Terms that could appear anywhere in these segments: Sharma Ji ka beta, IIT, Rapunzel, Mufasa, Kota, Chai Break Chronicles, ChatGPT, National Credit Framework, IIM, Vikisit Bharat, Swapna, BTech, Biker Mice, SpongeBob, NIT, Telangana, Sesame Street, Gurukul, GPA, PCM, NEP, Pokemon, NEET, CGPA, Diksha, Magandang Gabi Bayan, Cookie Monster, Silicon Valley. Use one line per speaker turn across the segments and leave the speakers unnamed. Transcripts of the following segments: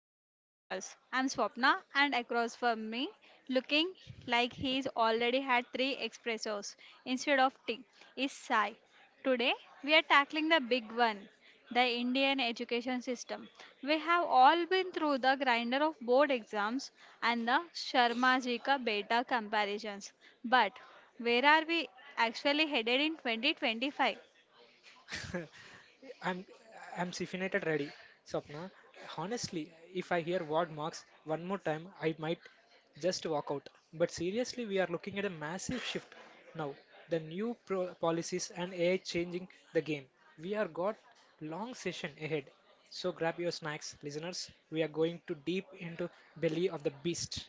Break Chronicles. I'm Swapna, and across from me, looking like he's already had three espressos instead of tea, is Sai. Today, we are tackling the big one, the Indian education system. We have all been through the grinder of board exams and the Sharma Ji ka beta comparisons. But where are we actually headed in 2025?
I'm I'm caffeinated ready, Swapna. Honestly, if I hear word marks one more time, I might just walk out. But seriously, we are looking at a massive shift now. The new policies and AI changing the game. We are got long session ahead. So grab your snacks, listeners. We are going to deep into belly of the beast.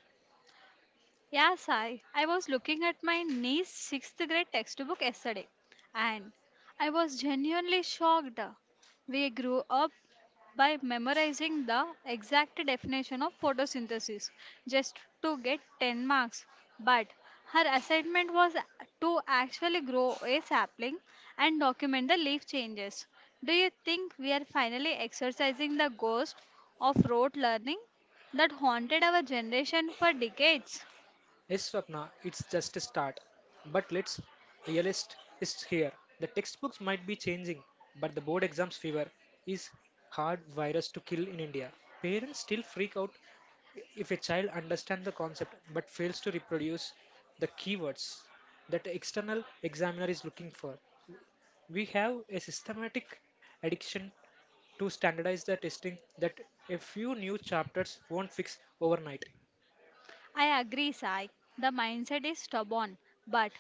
Yes, I was looking at my niece's sixth grade textbook yesterday and I was genuinely shocked. We grew up by memorizing the exact definition of photosynthesis just to get 10 marks. But her assignment was to actually grow a sapling and document the leaf changes. Do you think we are finally exercising the ghost of rote learning that haunted our generation for decades?
Yes, Swapna, it's just a start. But let's realist is here. The textbooks might be changing, but the board exams fever is hard virus to kill in India. Parents still freak out if a child understands the concept but fails to reproduce the keywords that the external examiner is looking for. We have a systematic addiction to standardize the testing that a few new chapters won't fix overnight.
I agree, Sai. The mindset is stubborn, but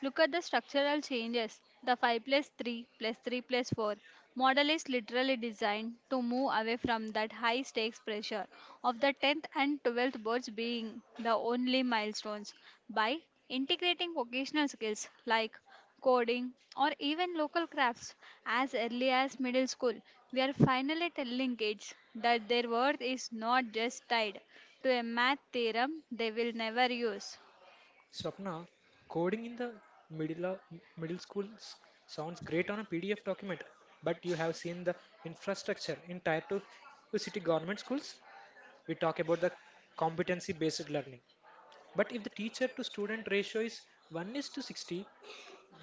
look at the structural changes. The 5 plus 3 plus 3 plus 4 model is literally designed to move away from that high stakes pressure of the 10th and 12th boards being the only milestones. By integrating vocational skills like coding, or even local crafts as early as middle school, we are finally telling kids that their worth is not just tied to a math theorem they will never use.
Swapna, coding in the middle of, middle school sounds great on a PDF document, but you have seen the infrastructure in tier 2 city government schools. We talk about the competency-based learning. But if the teacher to student ratio is 1 is to 60,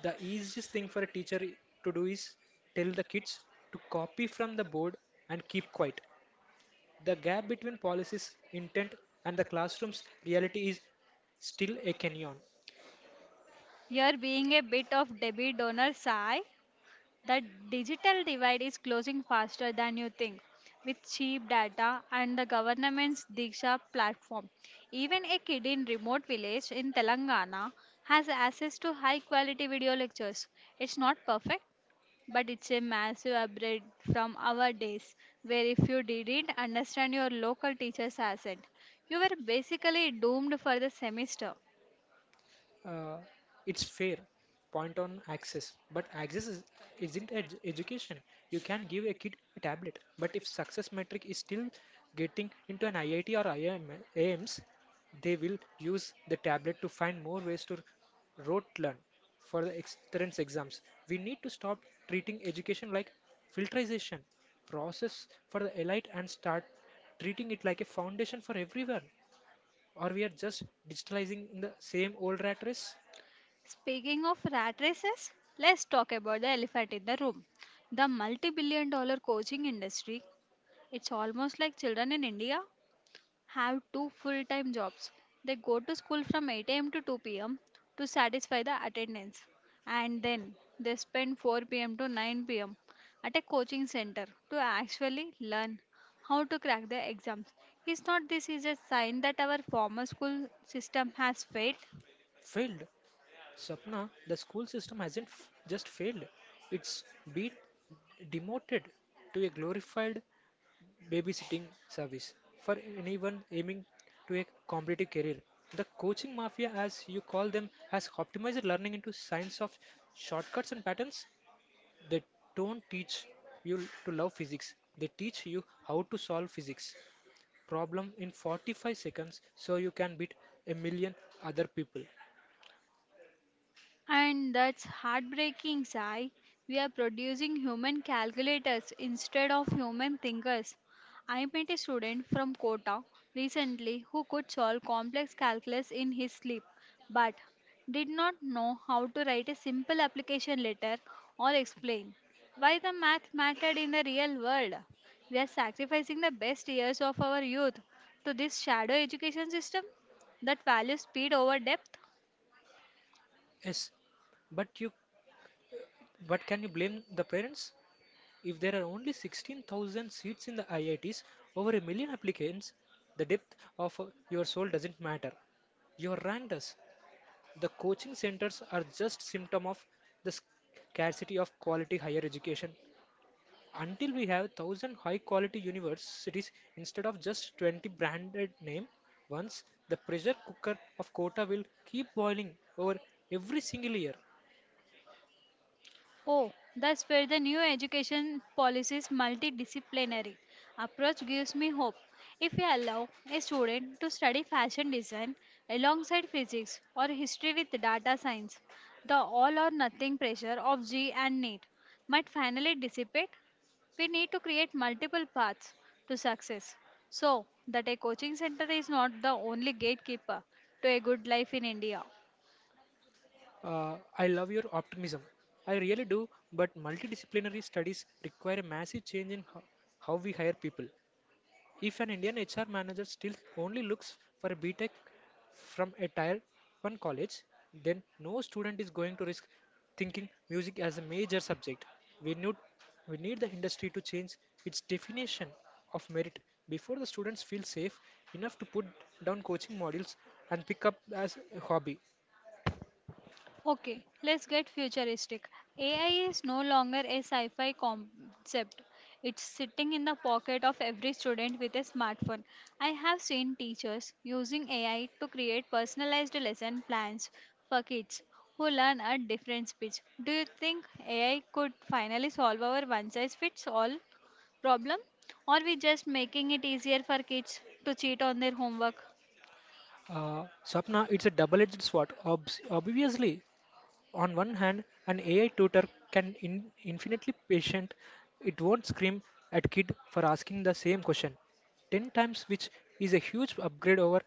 the easiest thing for a teacher to do is tell the kids to copy from the board and keep quiet. The gap between policies, intent, and the classroom's reality is still a canyon.
You're being a bit of Debbie Donor, Sai. The digital divide is closing faster than you think. With cheap data and the government's Diksha platform, even a kid in remote village in Telangana has access to high quality video lectures. It's not perfect, but it's a massive upgrade from our days where if you didn't understand your local teacher's accent, you were basically doomed for the semester.
uh, it's fair point on access but isn't education. You can give a kid a tablet but if success metric is still getting into an iit or IIM, aims they will use the tablet to find more ways to rote learn for the entrance exams. We need to stop treating education like filterization process for the elite and start treating it like a foundation for everyone, or we are just digitalizing in the same old rat race.
Speaking of rat races, let's talk about the elephant in the room. The multi billion-dollar coaching industry. It's almost like children in India have two full time jobs. They go to school from 8 a.m. to 2 p.m. to satisfy the attendance, and then they spend 4 p.m. to 9 p.m. at a coaching center to actually learn how to crack the exams. Is not this is a sign that our formal school system has failed?
Failed. Sapna, the school system hasn't just failed, it's been demoted to a glorified babysitting service for anyone aiming to a competitive career. The coaching mafia, as you call them, has optimized learning into science of shortcuts and patterns. They don't teach you to love physics, they teach you how to solve physics problem in 45 seconds so you can beat a million other people.
And that's heartbreaking, Sai. We are producing human calculators instead of human thinkers. I met a student from Kota recently who could solve complex calculus in his sleep, but did not know how to write a simple application letter or explain why the math mattered in the real world. We are sacrificing the best years of our youth to this shadow education system that values speed over depth.
Yes, but you but can you blame the parents? If there are only 16,000 seats in the IITs, over a million applicants, the depth of your soul doesn't matter. You are ranked as. The coaching centers are just symptom of the scarcity of quality higher education. Until we have 1,000 high quality universities instead of just 20 branded name ones, the pressure cooker of quota will keep boiling over every single year.
Oh, that's where the new education policy's multidisciplinary approach gives me hope. If we allow a student to study fashion design alongside physics or history with data science, the all or nothing pressure of G and NEET might finally dissipate. We need to create multiple paths to success so that a coaching center is not the only gatekeeper to a good life in India.
I love your optimism. I really do, but multidisciplinary studies require a massive change in how we hire people. If an Indian HR manager still only looks for a BTech from a tier 1 college, then no student is going to risk thinking music as a major subject. We need, we need the industry to change its definition of merit before the students feel safe enough to put down coaching modules and pick up as a hobby.
Okay, let's get futuristic. AI is no longer a sci fi concept. It's sitting in the pocket of every student with a smartphone. I have seen teachers using AI to create personalized lesson plans for kids who learn at different speeds. Do you think AI could finally solve our one size fits all problem? Or we just making it easier for kids to cheat on their homework?
Swapna, it's a double-edged sword. Obs Obviously, on one hand, an AI tutor can in infinitely patient. It won't scream at kid for asking the same question 10 times, which is a huge upgrade over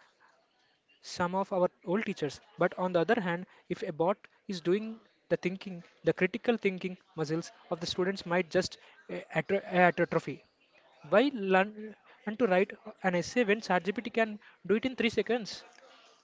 some of our old teachers. But on the other hand, if a bot is doing the thinking, the critical thinking muscles of the students might just atrophy. Why learn and to write an essay when ChatGPT can do it in 3 seconds?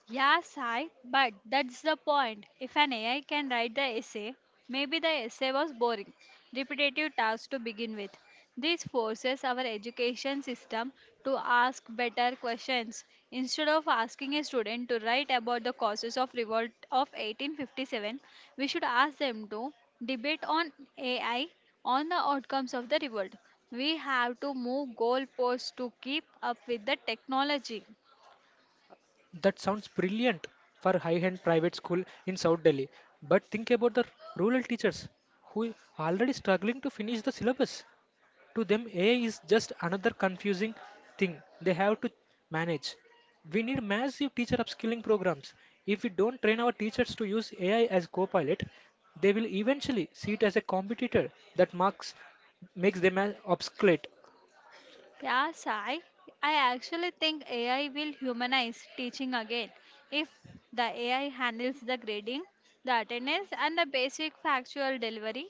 Yeah, Sai, but that's the point. If an AI can write the essay, maybe the essay was boring, repetitive tasks to begin with. This forces our education system to ask better questions. Instead of asking a student to write about the causes of revolt of 1857, we should ask them to debate on AI on the outcomes of the revolt. We have to move goalposts to keep up with the technology.
That sounds brilliant for high-end private school in South Delhi. But think about the rural teachers who are already struggling to finish the syllabus. To them, AI is just another confusing thing they have to manage. We need massive teacher upskilling programs. If we don't train our teachers to use AI as co-pilot, they will eventually see it as a competitor that marks makes them obsolete.
Yeah, Sai. I actually think AI will humanize teaching again. If the AI handles the grading, the attendance, and the basic factual delivery,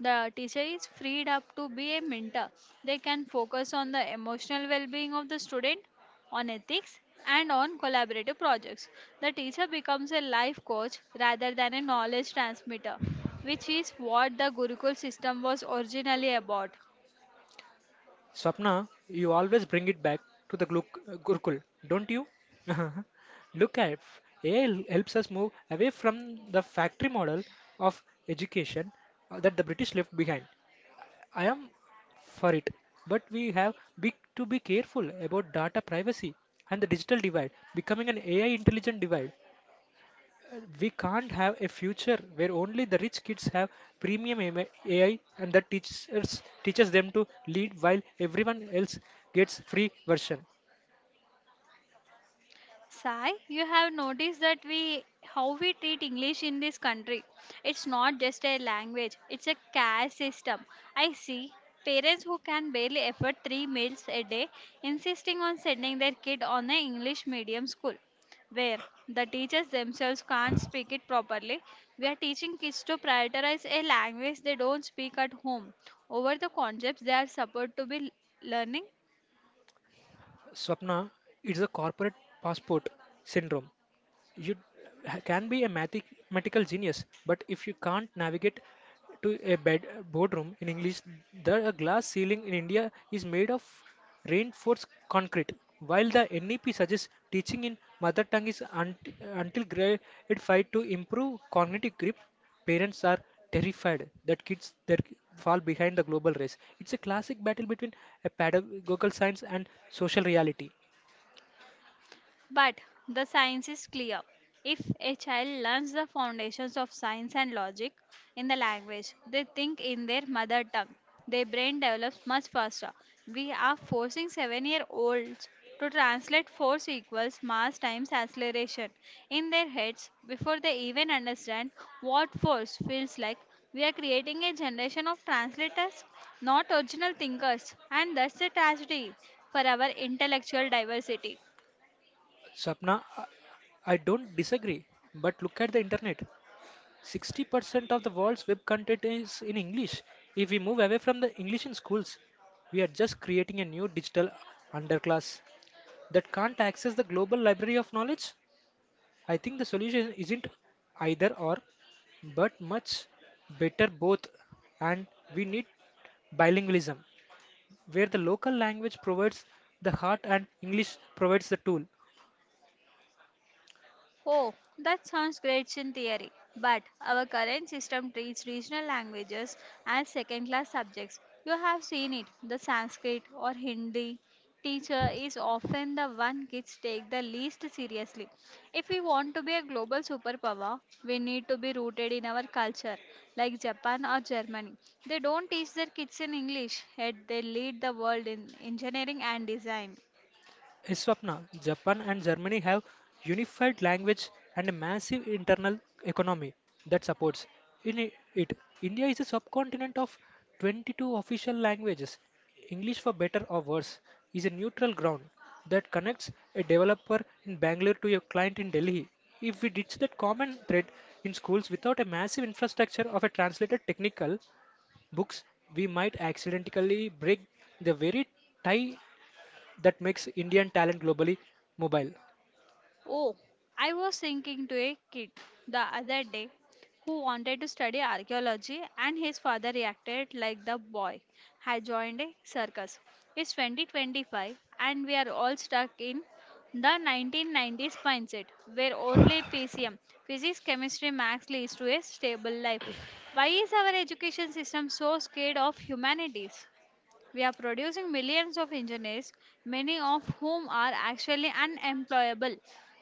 the teacher is freed up to be a mentor. They can focus on the emotional well being of the student, on ethics, and on collaborative projects. The teacher becomes a life coach rather than a knowledge transmitter, which is what the Gurukul system was originally about.
Swapna, you always bring it back to the Gurukul, don't you? Look at AI helps us move away from the factory model of education that the British left behind. I am for it, but we have to be careful about data privacy and the digital divide becoming an AI intelligent divide. We can't have a future where only the rich kids have premium AM AI and the teachers teaches them to lead while everyone else gets free version.
Sai, you have noticed that we how we treat English in this country. It's not just a language, it's a caste system. I see parents who can barely afford three meals a day insisting on sending their kid on an English medium school where the teachers themselves can't speak it properly. We are teaching kids to prioritize a language they don't speak at home over the concepts they are supposed to be learning.
Swapna, it's a corporate passport syndrome. You can be a mathematical genius, but if you can't navigate to a boardroom in English, the a glass ceiling in India is made of reinforced concrete. While the NEP suggests teaching in mother tongue is until grade 5 to improve cognitive grip, parents are terrified that kids their fall behind the global race. It's a classic battle between a pedagogical science and social reality.
But the science is clear. If a child learns the foundations of science and logic in the language they think in their mother tongue, their brain develops much faster. We are forcing 7-year olds to translate force equals mass times acceleration in their heads before they even understand what force feels like. We are creating a generation of translators, not original thinkers, and that's a tragedy for our intellectual diversity.
Sapna, I don't disagree, but look at the internet. 60% of the world's web content is in English. If we move away from the English in schools, we are just creating a new digital underclass that can't access the global library of knowledge. I think the solution isn't either or, but much better both. And we need bilingualism, where the local language provides the heart and English provides the tool.
Oh, that sounds great in theory, but our current system treats regional languages as second class subjects. You have seen it, the Sanskrit or Hindi teacher is often the one kids take the least seriously. If we want to be a global superpower, we need to be rooted in our culture, like Japan or Germany. They don't teach their kids in English, yet they lead the world in engineering and design.
Swapna, Japan and Germany have unified language and a massive internal economy that supports in it. India is a subcontinent of 22 official languages. English, for better or worse, is a neutral ground that connects a developer in Bangalore to a client in Delhi. If we ditch that common thread in schools without a massive infrastructure of a translated technical books, we might accidentally break the very tie that makes Indian talent globally mobile.
Oh, I was thinking to a kid the other day who wanted to study archaeology, and his father reacted like the boy had joined a circus. It's 2025, and we are all stuck in the 1990s mindset where only PCM, physics, chemistry, maths, leads to a stable life. Why is our education system so scared of humanities? We are producing millions of engineers, many of whom are actually unemployable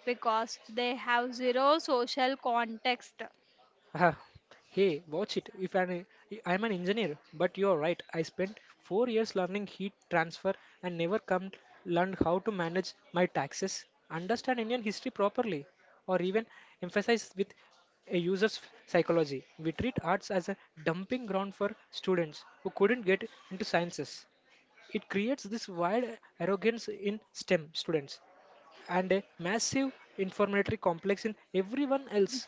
because they have zero social context.
Ah, hey, watch it. If I'm, I'm an engineer, but you're right. I spent 4 years learning heat transfer and never come learned how to manage my taxes, understand Indian history properly, or even emphasize with a user's psychology. We treat arts as a dumping ground for students who couldn't get into sciences. It creates this wild arrogance in STEM students and a massive informatory complex in everyone else.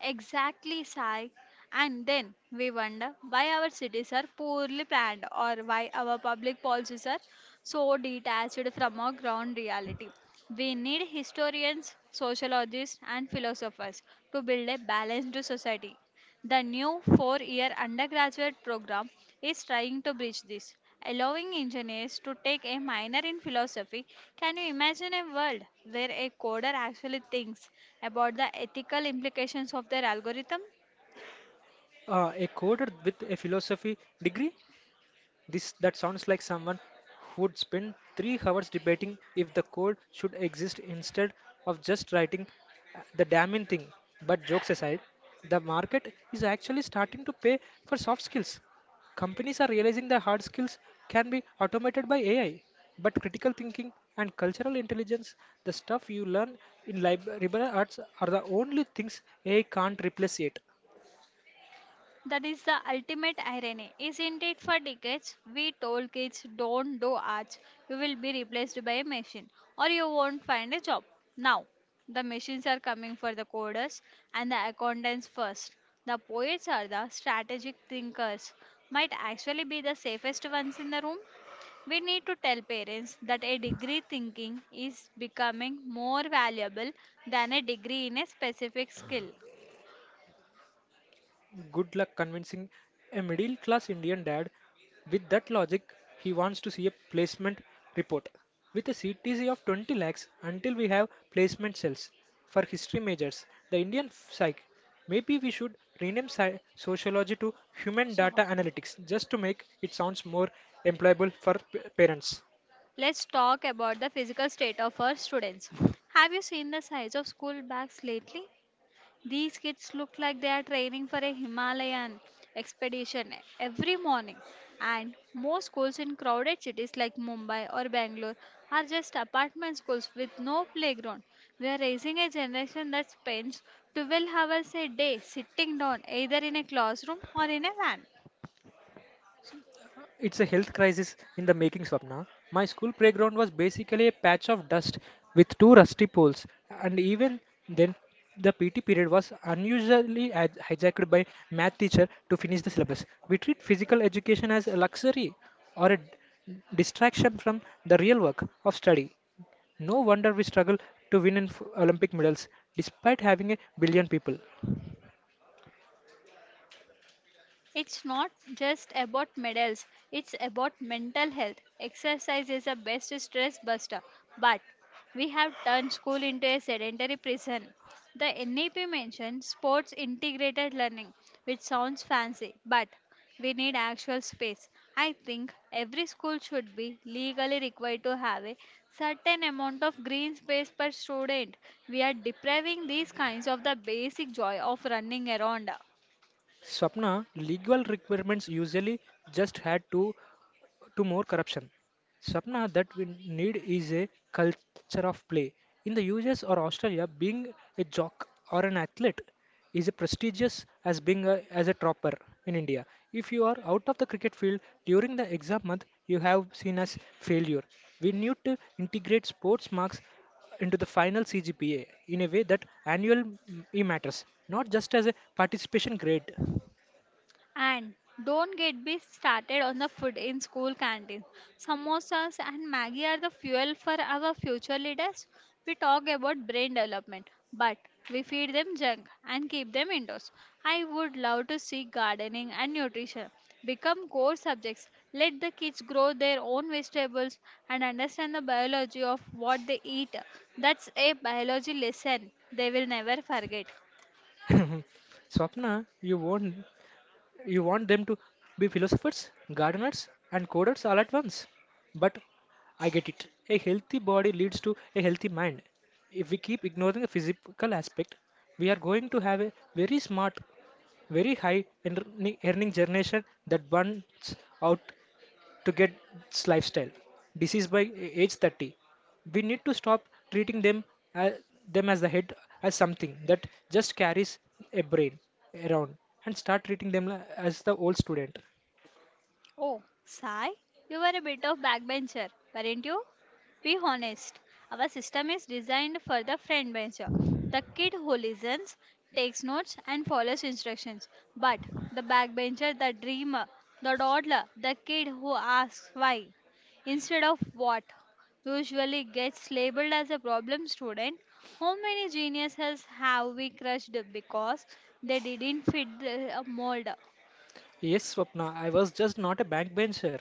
Exactly, Sai. And then we wonder why our cities are poorly planned or why our public policies are so detached from our ground reality. We need historians, sociologists, and philosophers to build a balanced society. The new 4-year undergraduate program is trying to bridge this, allowing engineers to take a minor in philosophy. Can you imagine a world where a coder actually thinks about the ethical implications of their algorithm?
A coder with a philosophy degree. This That sounds like someone who would spend 3 hours debating if the code should exist instead of just writing the damning thing. But jokes aside, the market is actually starting to pay for soft skills. Companies are realizing the hard skills can be automated by AI, but critical thinking and cultural intelligence, the stuff you learn in liberal arts, are the only things AI can't replace yet.
That is the ultimate irony, isn't it? For decades, we told kids don't do arts, you will be replaced by a machine or you won't find a job. Now, the machines are coming for the coders and the accountants first. The poets or the strategic thinkers might actually be the safest ones in the room. We need to tell parents that a degree thinking is becoming more valuable than a degree in a specific skill.
Good luck convincing a middle class Indian dad with that logic. He wants to see a placement report with a CTC of 20 lakhs until we have placement cells for history majors. The Indian psych. Maybe we should rename sociology to human
So,
data analytics just to make it sounds more employable for parents.
let's talk about the physical state of our students. Have you seen the size of school bags lately? These kids look like they are training for a Himalayan expedition every morning. And most schools in crowded cities like Mumbai or Bangalore are just apartment schools with no playground. We are raising a generation that spends 12 hours a day sitting down either in a classroom or in a van.
It's a health crisis in the making, Swapna. My school playground was basically a patch of dust with two rusty poles, and even then, the PT period was unusually hijacked by math teacher to finish the syllabus. We treat physical education as a luxury or a distraction from the real work of study. No wonder we struggle to win in Olympic medals despite having a billion people.
It's not just about medals, it's about mental health. Exercise is the best stress buster, but we have turned school into a sedentary prison. The NEP mentioned sports integrated learning, which sounds fancy, but we need actual space. I think every school should be legally required to have a certain amount of green space per student. We are depriving these kinds of the basic joy of running around.
Swapna, legal requirements usually just had to more corruption. Sapna that we need is a culture of play. In the US or Australia, being a jock or an athlete is a prestigious as being as a tropper in India. If you are out of the cricket field during the exam month, you have seen as failure. We need to integrate sports marks into the final CGPA in a way that annual m- e matters, not just as a participation grade.
And don't get me started on the food in school canteens. Samosas and Maggie are the fuel for our future leaders. We talk about brain development, but we feed them junk and keep them indoors. I would love to see gardening and nutrition become core subjects. Let the kids grow their own vegetables and understand the biology of what they eat. That's a biology lesson they will never forget.
Swapna, you won't. You want them to be philosophers, gardeners, and coders all at once. But I get it. A healthy body leads to a healthy mind. If we keep ignoring the physical aspect, we are going to have a very smart, very high earning generation that burns out to get this lifestyle. Disease by age 30. We need to stop treating as, them as the head as something that just carries a brain around and start treating them as the old student.
Oh, Sai, you were a bit of backbencher, weren't you? Be honest. Our system is designed for the friend bencher, the kid who listens, takes notes, and follows instructions. But the backbencher, the dreamer, the dawdler, the kid who asks why instead of what usually gets labeled as a problem student. How many geniuses have we crushed because they didn't fit the mold?
Yes, Swapna, I was just not a backbencher.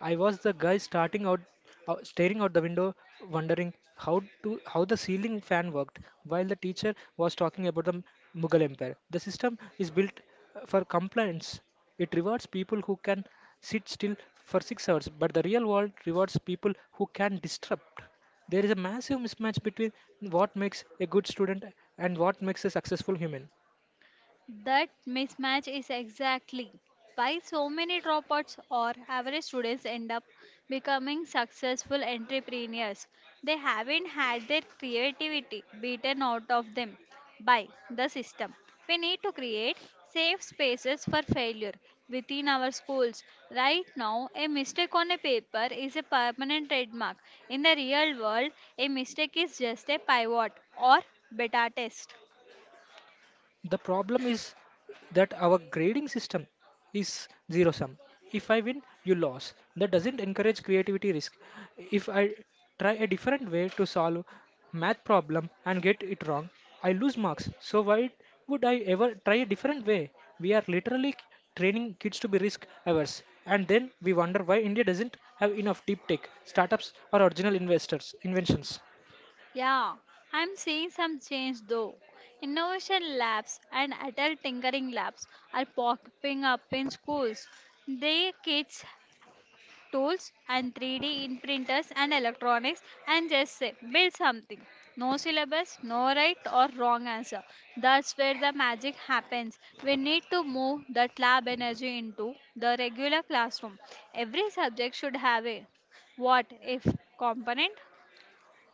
I was the guy staring out the window, wondering how the ceiling fan worked, while the teacher was talking about the Mughal Empire. The system is built for compliance. It rewards people who can sit still for 6 hours, but the real world rewards people who can disrupt. There is a massive mismatch between what makes a good student and what makes a successful human.
That mismatch is exactly why so many dropouts or average students end up becoming successful entrepreneurs. They haven't had their creativity beaten out of them by the system. We need to create safe spaces for failure within our schools. Right now, a mistake on a paper is a permanent trademark. In the real world, a mistake is just a pivot or beta test.
The problem is that our grading system is zero sum. If I win, you lose. That doesn't encourage creativity risk. If I try a different way to solve math problem and get it wrong, I lose marks. So why would I ever try a different way? We are literally training kids to be risk averse. And then we wonder why India doesn't have enough deep tech, startups or original investors, inventions.
Yeah, I'm seeing some change though. Innovation labs and adult tinkering labs are popping up in schools. They kids tools and 3D in printers and electronics and just say build something. No syllabus, no right or wrong answer. That's where the magic happens. We need to move that lab energy into the regular classroom. Every subject should have a what if component.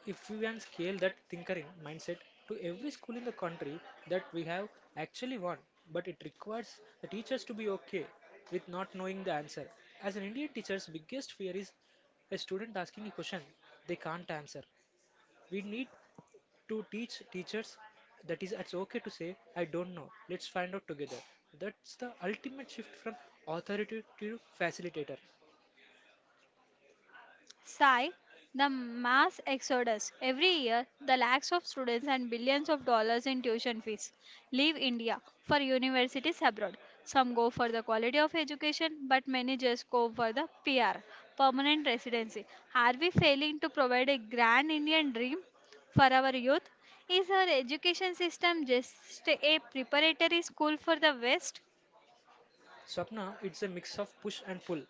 If we can scale that tinkering mindset to every school in the country that we have actually won, but it requires the teachers to be okay with not knowing the answer. As an Indian teacher's biggest fear is a student asking a question they can't answer. We need to teach teachers that is it's okay to say I don't know. Let's find out together. That's the ultimate shift from authority to facilitator.
Sigh, the mass exodus. Every year, the lakhs of students and billions of dollars in tuition fees leave India for universities abroad. Some go for the quality of education, but many just go for the PR, permanent residency. Are we failing to provide a grand Indian dream for our youth? Is our education system just a preparatory school for the West?
Swapna, it's a mix of push and pull.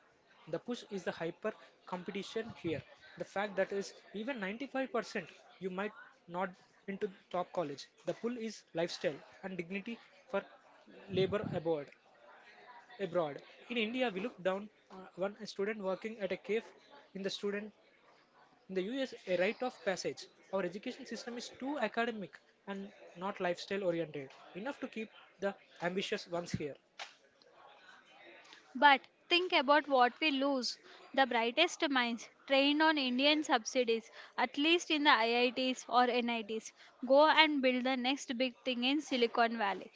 The push is the hyper competition here. The fact that is even 95% you might not into top college. The pull is lifestyle and dignity for labor abroad. Abroad in India, we look down on one student working at a cave. In the student in the US, a rite of passage. Our education system is too academic and not lifestyle oriented enough to keep the ambitious ones here.
But think about what we lose. The brightest minds trained on Indian subsidies, at least in the IITs or NITs, go and build the next big thing in Silicon Valley.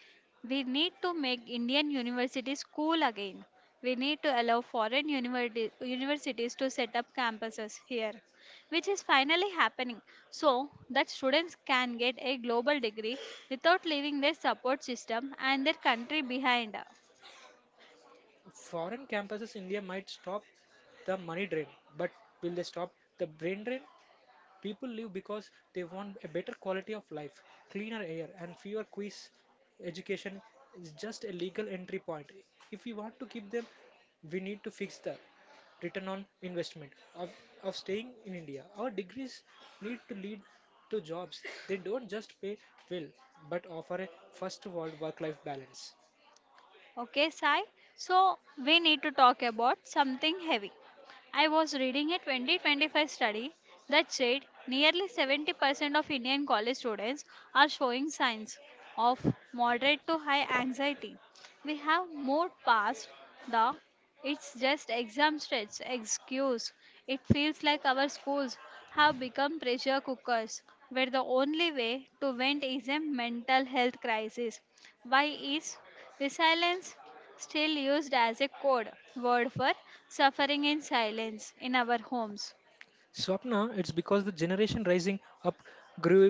We need to make Indian universities cool again. We need to allow universities to set up campuses here, which is finally happening, so that students can get a global degree without leaving their support system and their country behind.
Foreign campuses in India might stop the money drain, but will they stop the brain drain? People live because they want a better quality of life, cleaner air, and fewer quiz. Education is just a legal entry point. If we want to keep them, we need to fix the return on investment of staying in India. Our degrees need to lead to jobs. They don't just pay well, but offer a first world work life balance.
Okay, Sai. So we need to talk about something heavy. I was reading a 2025 study that said nearly 70% of Indian college students are showing signs of moderate to high anxiety. We have moved past the it's just exam stress excuse. It feels like our schools have become pressure cookers where the only way to vent is a mental health crisis. Why is resilience still used as a code word for suffering in silence in our homes?
Swapna, it's because the generation rising up grew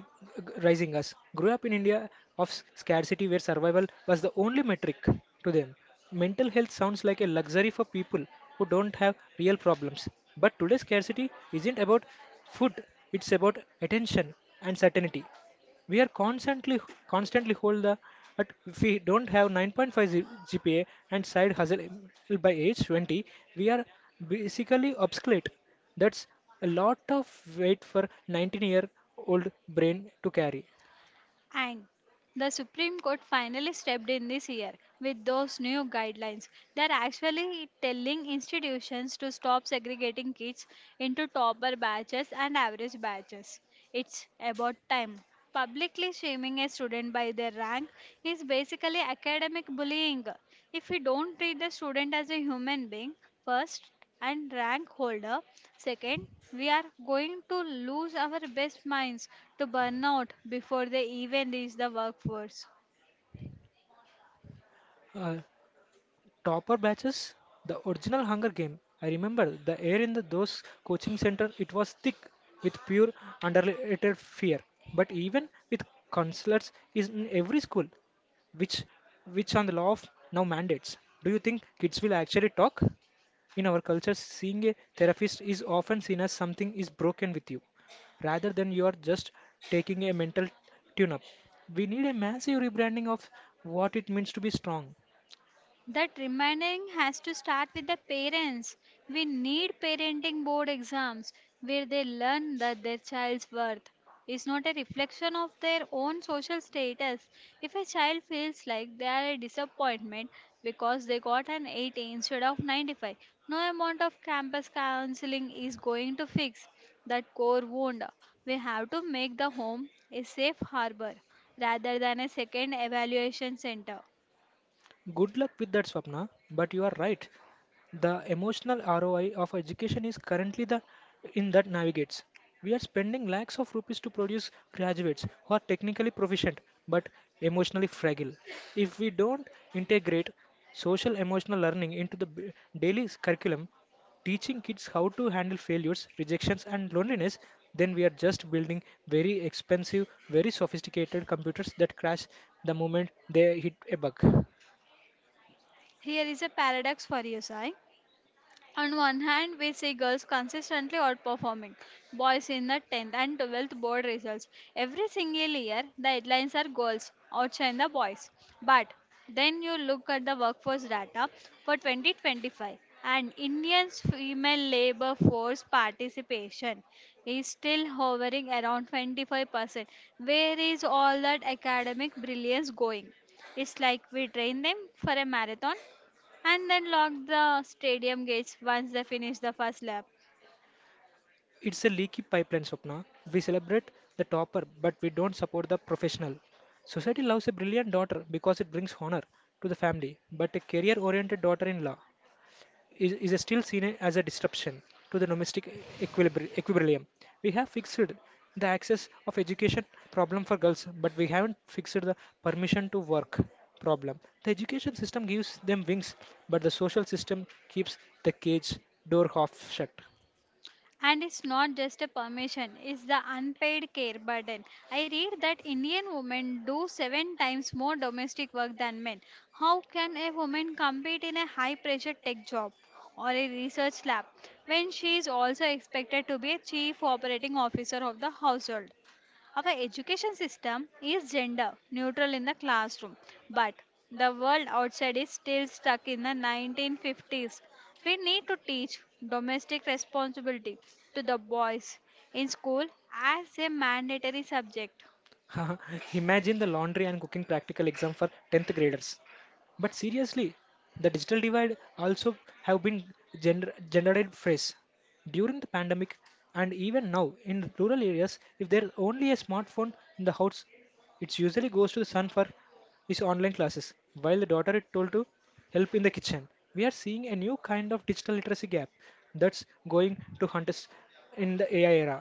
rising us grew up in India of scarcity where survival was the only metric to them. Mental health sounds like a luxury for people who don't have real problems. But today's scarcity isn't about food, it's about attention and certainty. We are constantly hold the but if we don't have 9.5 GPA and side hustle by age 20, we are basically obsolete. That's a lot of weight for 19-year-old brain to carry.
And the Supreme Court finally stepped in this year with those new guidelines. They're actually telling institutions to stop segregating kids into topper batches and average batches. It's about time. Publicly shaming a student by their rank is basically academic bullying. If we don't treat the student as a human being first and rank holder second, we are going to lose our best minds to burnout before they even reach the workforce.
Uh, Topper batches, the original Hunger Game. I remember the air in those coaching center. It was thick with pure underrated fear. But even with counselors is in every school, which which on the law of now mandates. Do you think kids will actually talk? In our culture, seeing a therapist is often seen as something is broken with you, rather than you are just taking a mental tune up. We need a massive rebranding of what it means to be strong.
That reminding has to start with the parents. We need parenting board exams where they learn that their child's worth is not a reflection of their own social status. If a child feels like they are a disappointment because they got an 80 instead of 95, no amount of campus counseling is going to fix that core wound. We have to make the home a safe harbor rather than a second evaluation center.
Good luck with that, Swapna, but you are right. The emotional ROI of education is currently the in that navigates. We are spending lakhs of rupees to produce graduates who are technically proficient but emotionally fragile. If we don't integrate social emotional learning into the daily curriculum, teaching kids how to handle failures, rejections, and loneliness, then we are just building very expensive, very sophisticated computers that crash the moment they hit a bug.
Here is a paradox for you, Sai. On one hand, we see girls consistently outperforming boys in the 10th and 12th board results. Every single year, the headlines are girls outshine the boys. But then you look at the workforce data for 2025, and India's female labor force participation is still hovering around 25%. Where is all that academic brilliance going? It's like we train them for a marathon and then locked the stadium gates once they finish the first lap.
It's a leaky pipeline, Swapna. We celebrate the topper, but we don't support the professional. Society loves a brilliant daughter because it brings honor to the family, but a career oriented daughter in law is still seen as a disruption to the domestic equilibrium. We have fixed the access of education problem for girls, but we haven't fixed the permission to work problem. The education system gives them wings, but the social system keeps the cage door half shut.
And it's not just a permission, it's the unpaid care burden. I read that Indian women do seven times more domestic work than men. How can a woman compete in a high pressure tech job or a research lab when she is also expected to be a chief operating officer of the household? Our education system is gender neutral in the classroom, but the world outside is still stuck in the 1950s. We need to teach domestic responsibility to the boys in school as a mandatory subject.
Imagine the laundry and cooking practical exam for 10th graders. But seriously, the digital divide also have been generated phrase during the pandemic, and even now in rural areas, if there's only a smartphone in the house, it usually goes to the son for his online classes, while the daughter is told to help in the kitchen. We are seeing a new kind of digital literacy gap that's going to hunt us in the ai era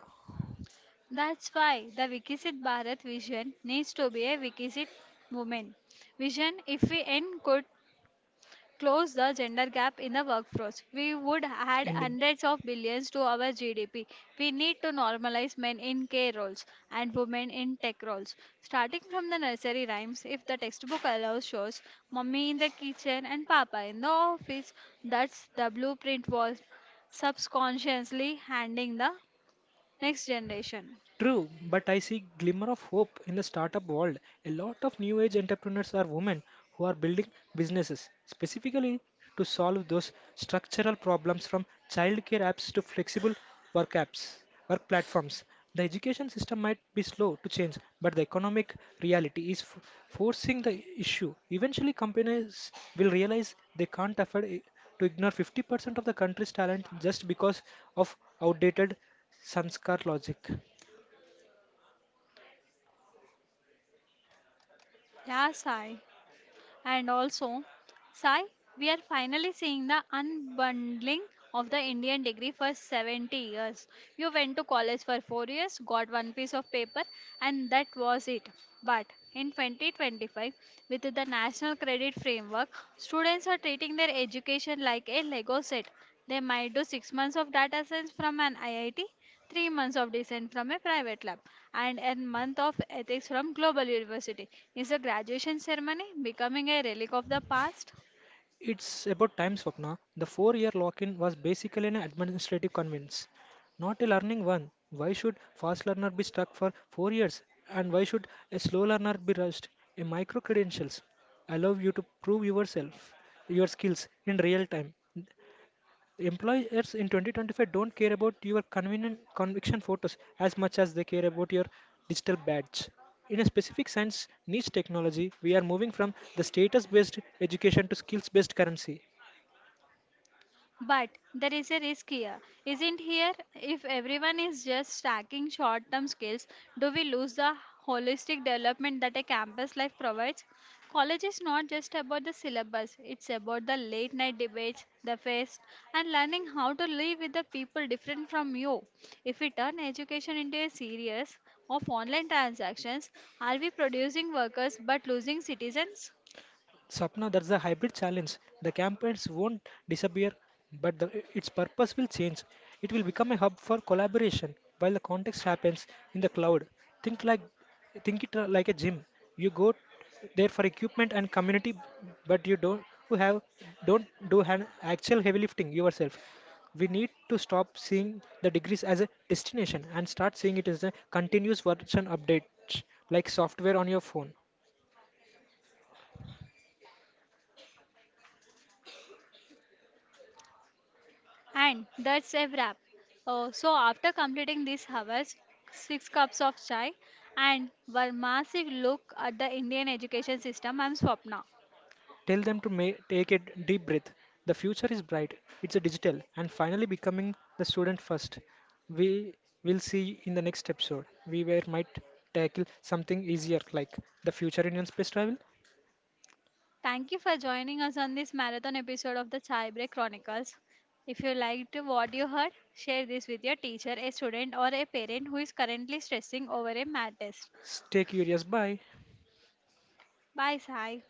That's why the Vikisit Bharat vision needs to be a Vikisit woman vision. If we end good close the gender gap in the workforce. We would add
ending.
hundreds of billions to our GDP. We need to normalize men in care roles and women in tech roles. Starting from the nursery rhymes, if the textbook allows, shows mommy in the kitchen and papa in the office. That's the blueprint was subconsciously handing the next generation.
True, but I see glimmer of hope in the startup world. A lot of new age entrepreneurs are women who are building businesses specifically to solve those structural problems, from childcare apps to flexible work apps, work platforms. The education system might be slow to change, but the economic reality is forcing the issue. Eventually, companies will realize they can't to ignore 50% of the country's talent just because of outdated sanskar logic.
Yeah, Sai. And also, Sai, we are finally seeing the unbundling of the Indian degree for 70 years. You went to college for 4 years, got one piece of paper, and that was it. But in 2025, with the National Credit Framework, students are treating their education like a Lego set. They might do 6 months of data science from an IIT, 3 months of design from a private lab, and a month of ethics from global university. Is the graduation ceremony becoming a relic of the past?
It's about time, Swapna. The four-year lock in was basically an administrative convenience, not a learning one. Why should fast learner be stuck for 4 years? And why should a slow learner be rushed? A micro credentials allow you to prove yourself, your skills in real time. Employers in 2025 don't care about your convenient conviction photos as much as they care about your digital badge. In a specific science niche technology, we are moving from the status based education to skills based currency.
But there is a risk here, isn't here? If everyone is just stacking short term skills, do we lose the holistic development that a campus life provides? College is not just about the syllabus, it's about the late night debates, the fest, and learning how to live with the people different from you. If we turn education into a series of online transactions, are we producing workers but losing citizens?
Sapna, that's a hybrid challenge. The campaigns won't disappear, but its purpose will change. It will become a hub for collaboration while the context happens in the cloud. Think like think it like a gym. You go there for equipment and community, but you don't you have don't do an actual heavy lifting yourself. We need to stop seeing the degrees as a destination and start seeing it as a continuous version update, like software on your phone.
And that's a wrap. So, after completing these hours, six cups of chai, and one massive look at the Indian education system, I'm Swapna.
Tell them to take a deep breath. The future is bright. It's a digital and finally becoming the student first. We will see in the next episode. We were might tackle something easier like the future in space travel.
Thank you for joining us on this marathon episode of the Chai Break Chronicles. If you liked what you heard, share this with your teacher, a student, or a parent who is currently stressing over a math test.
Stay curious. Bye.
Bye, Sai.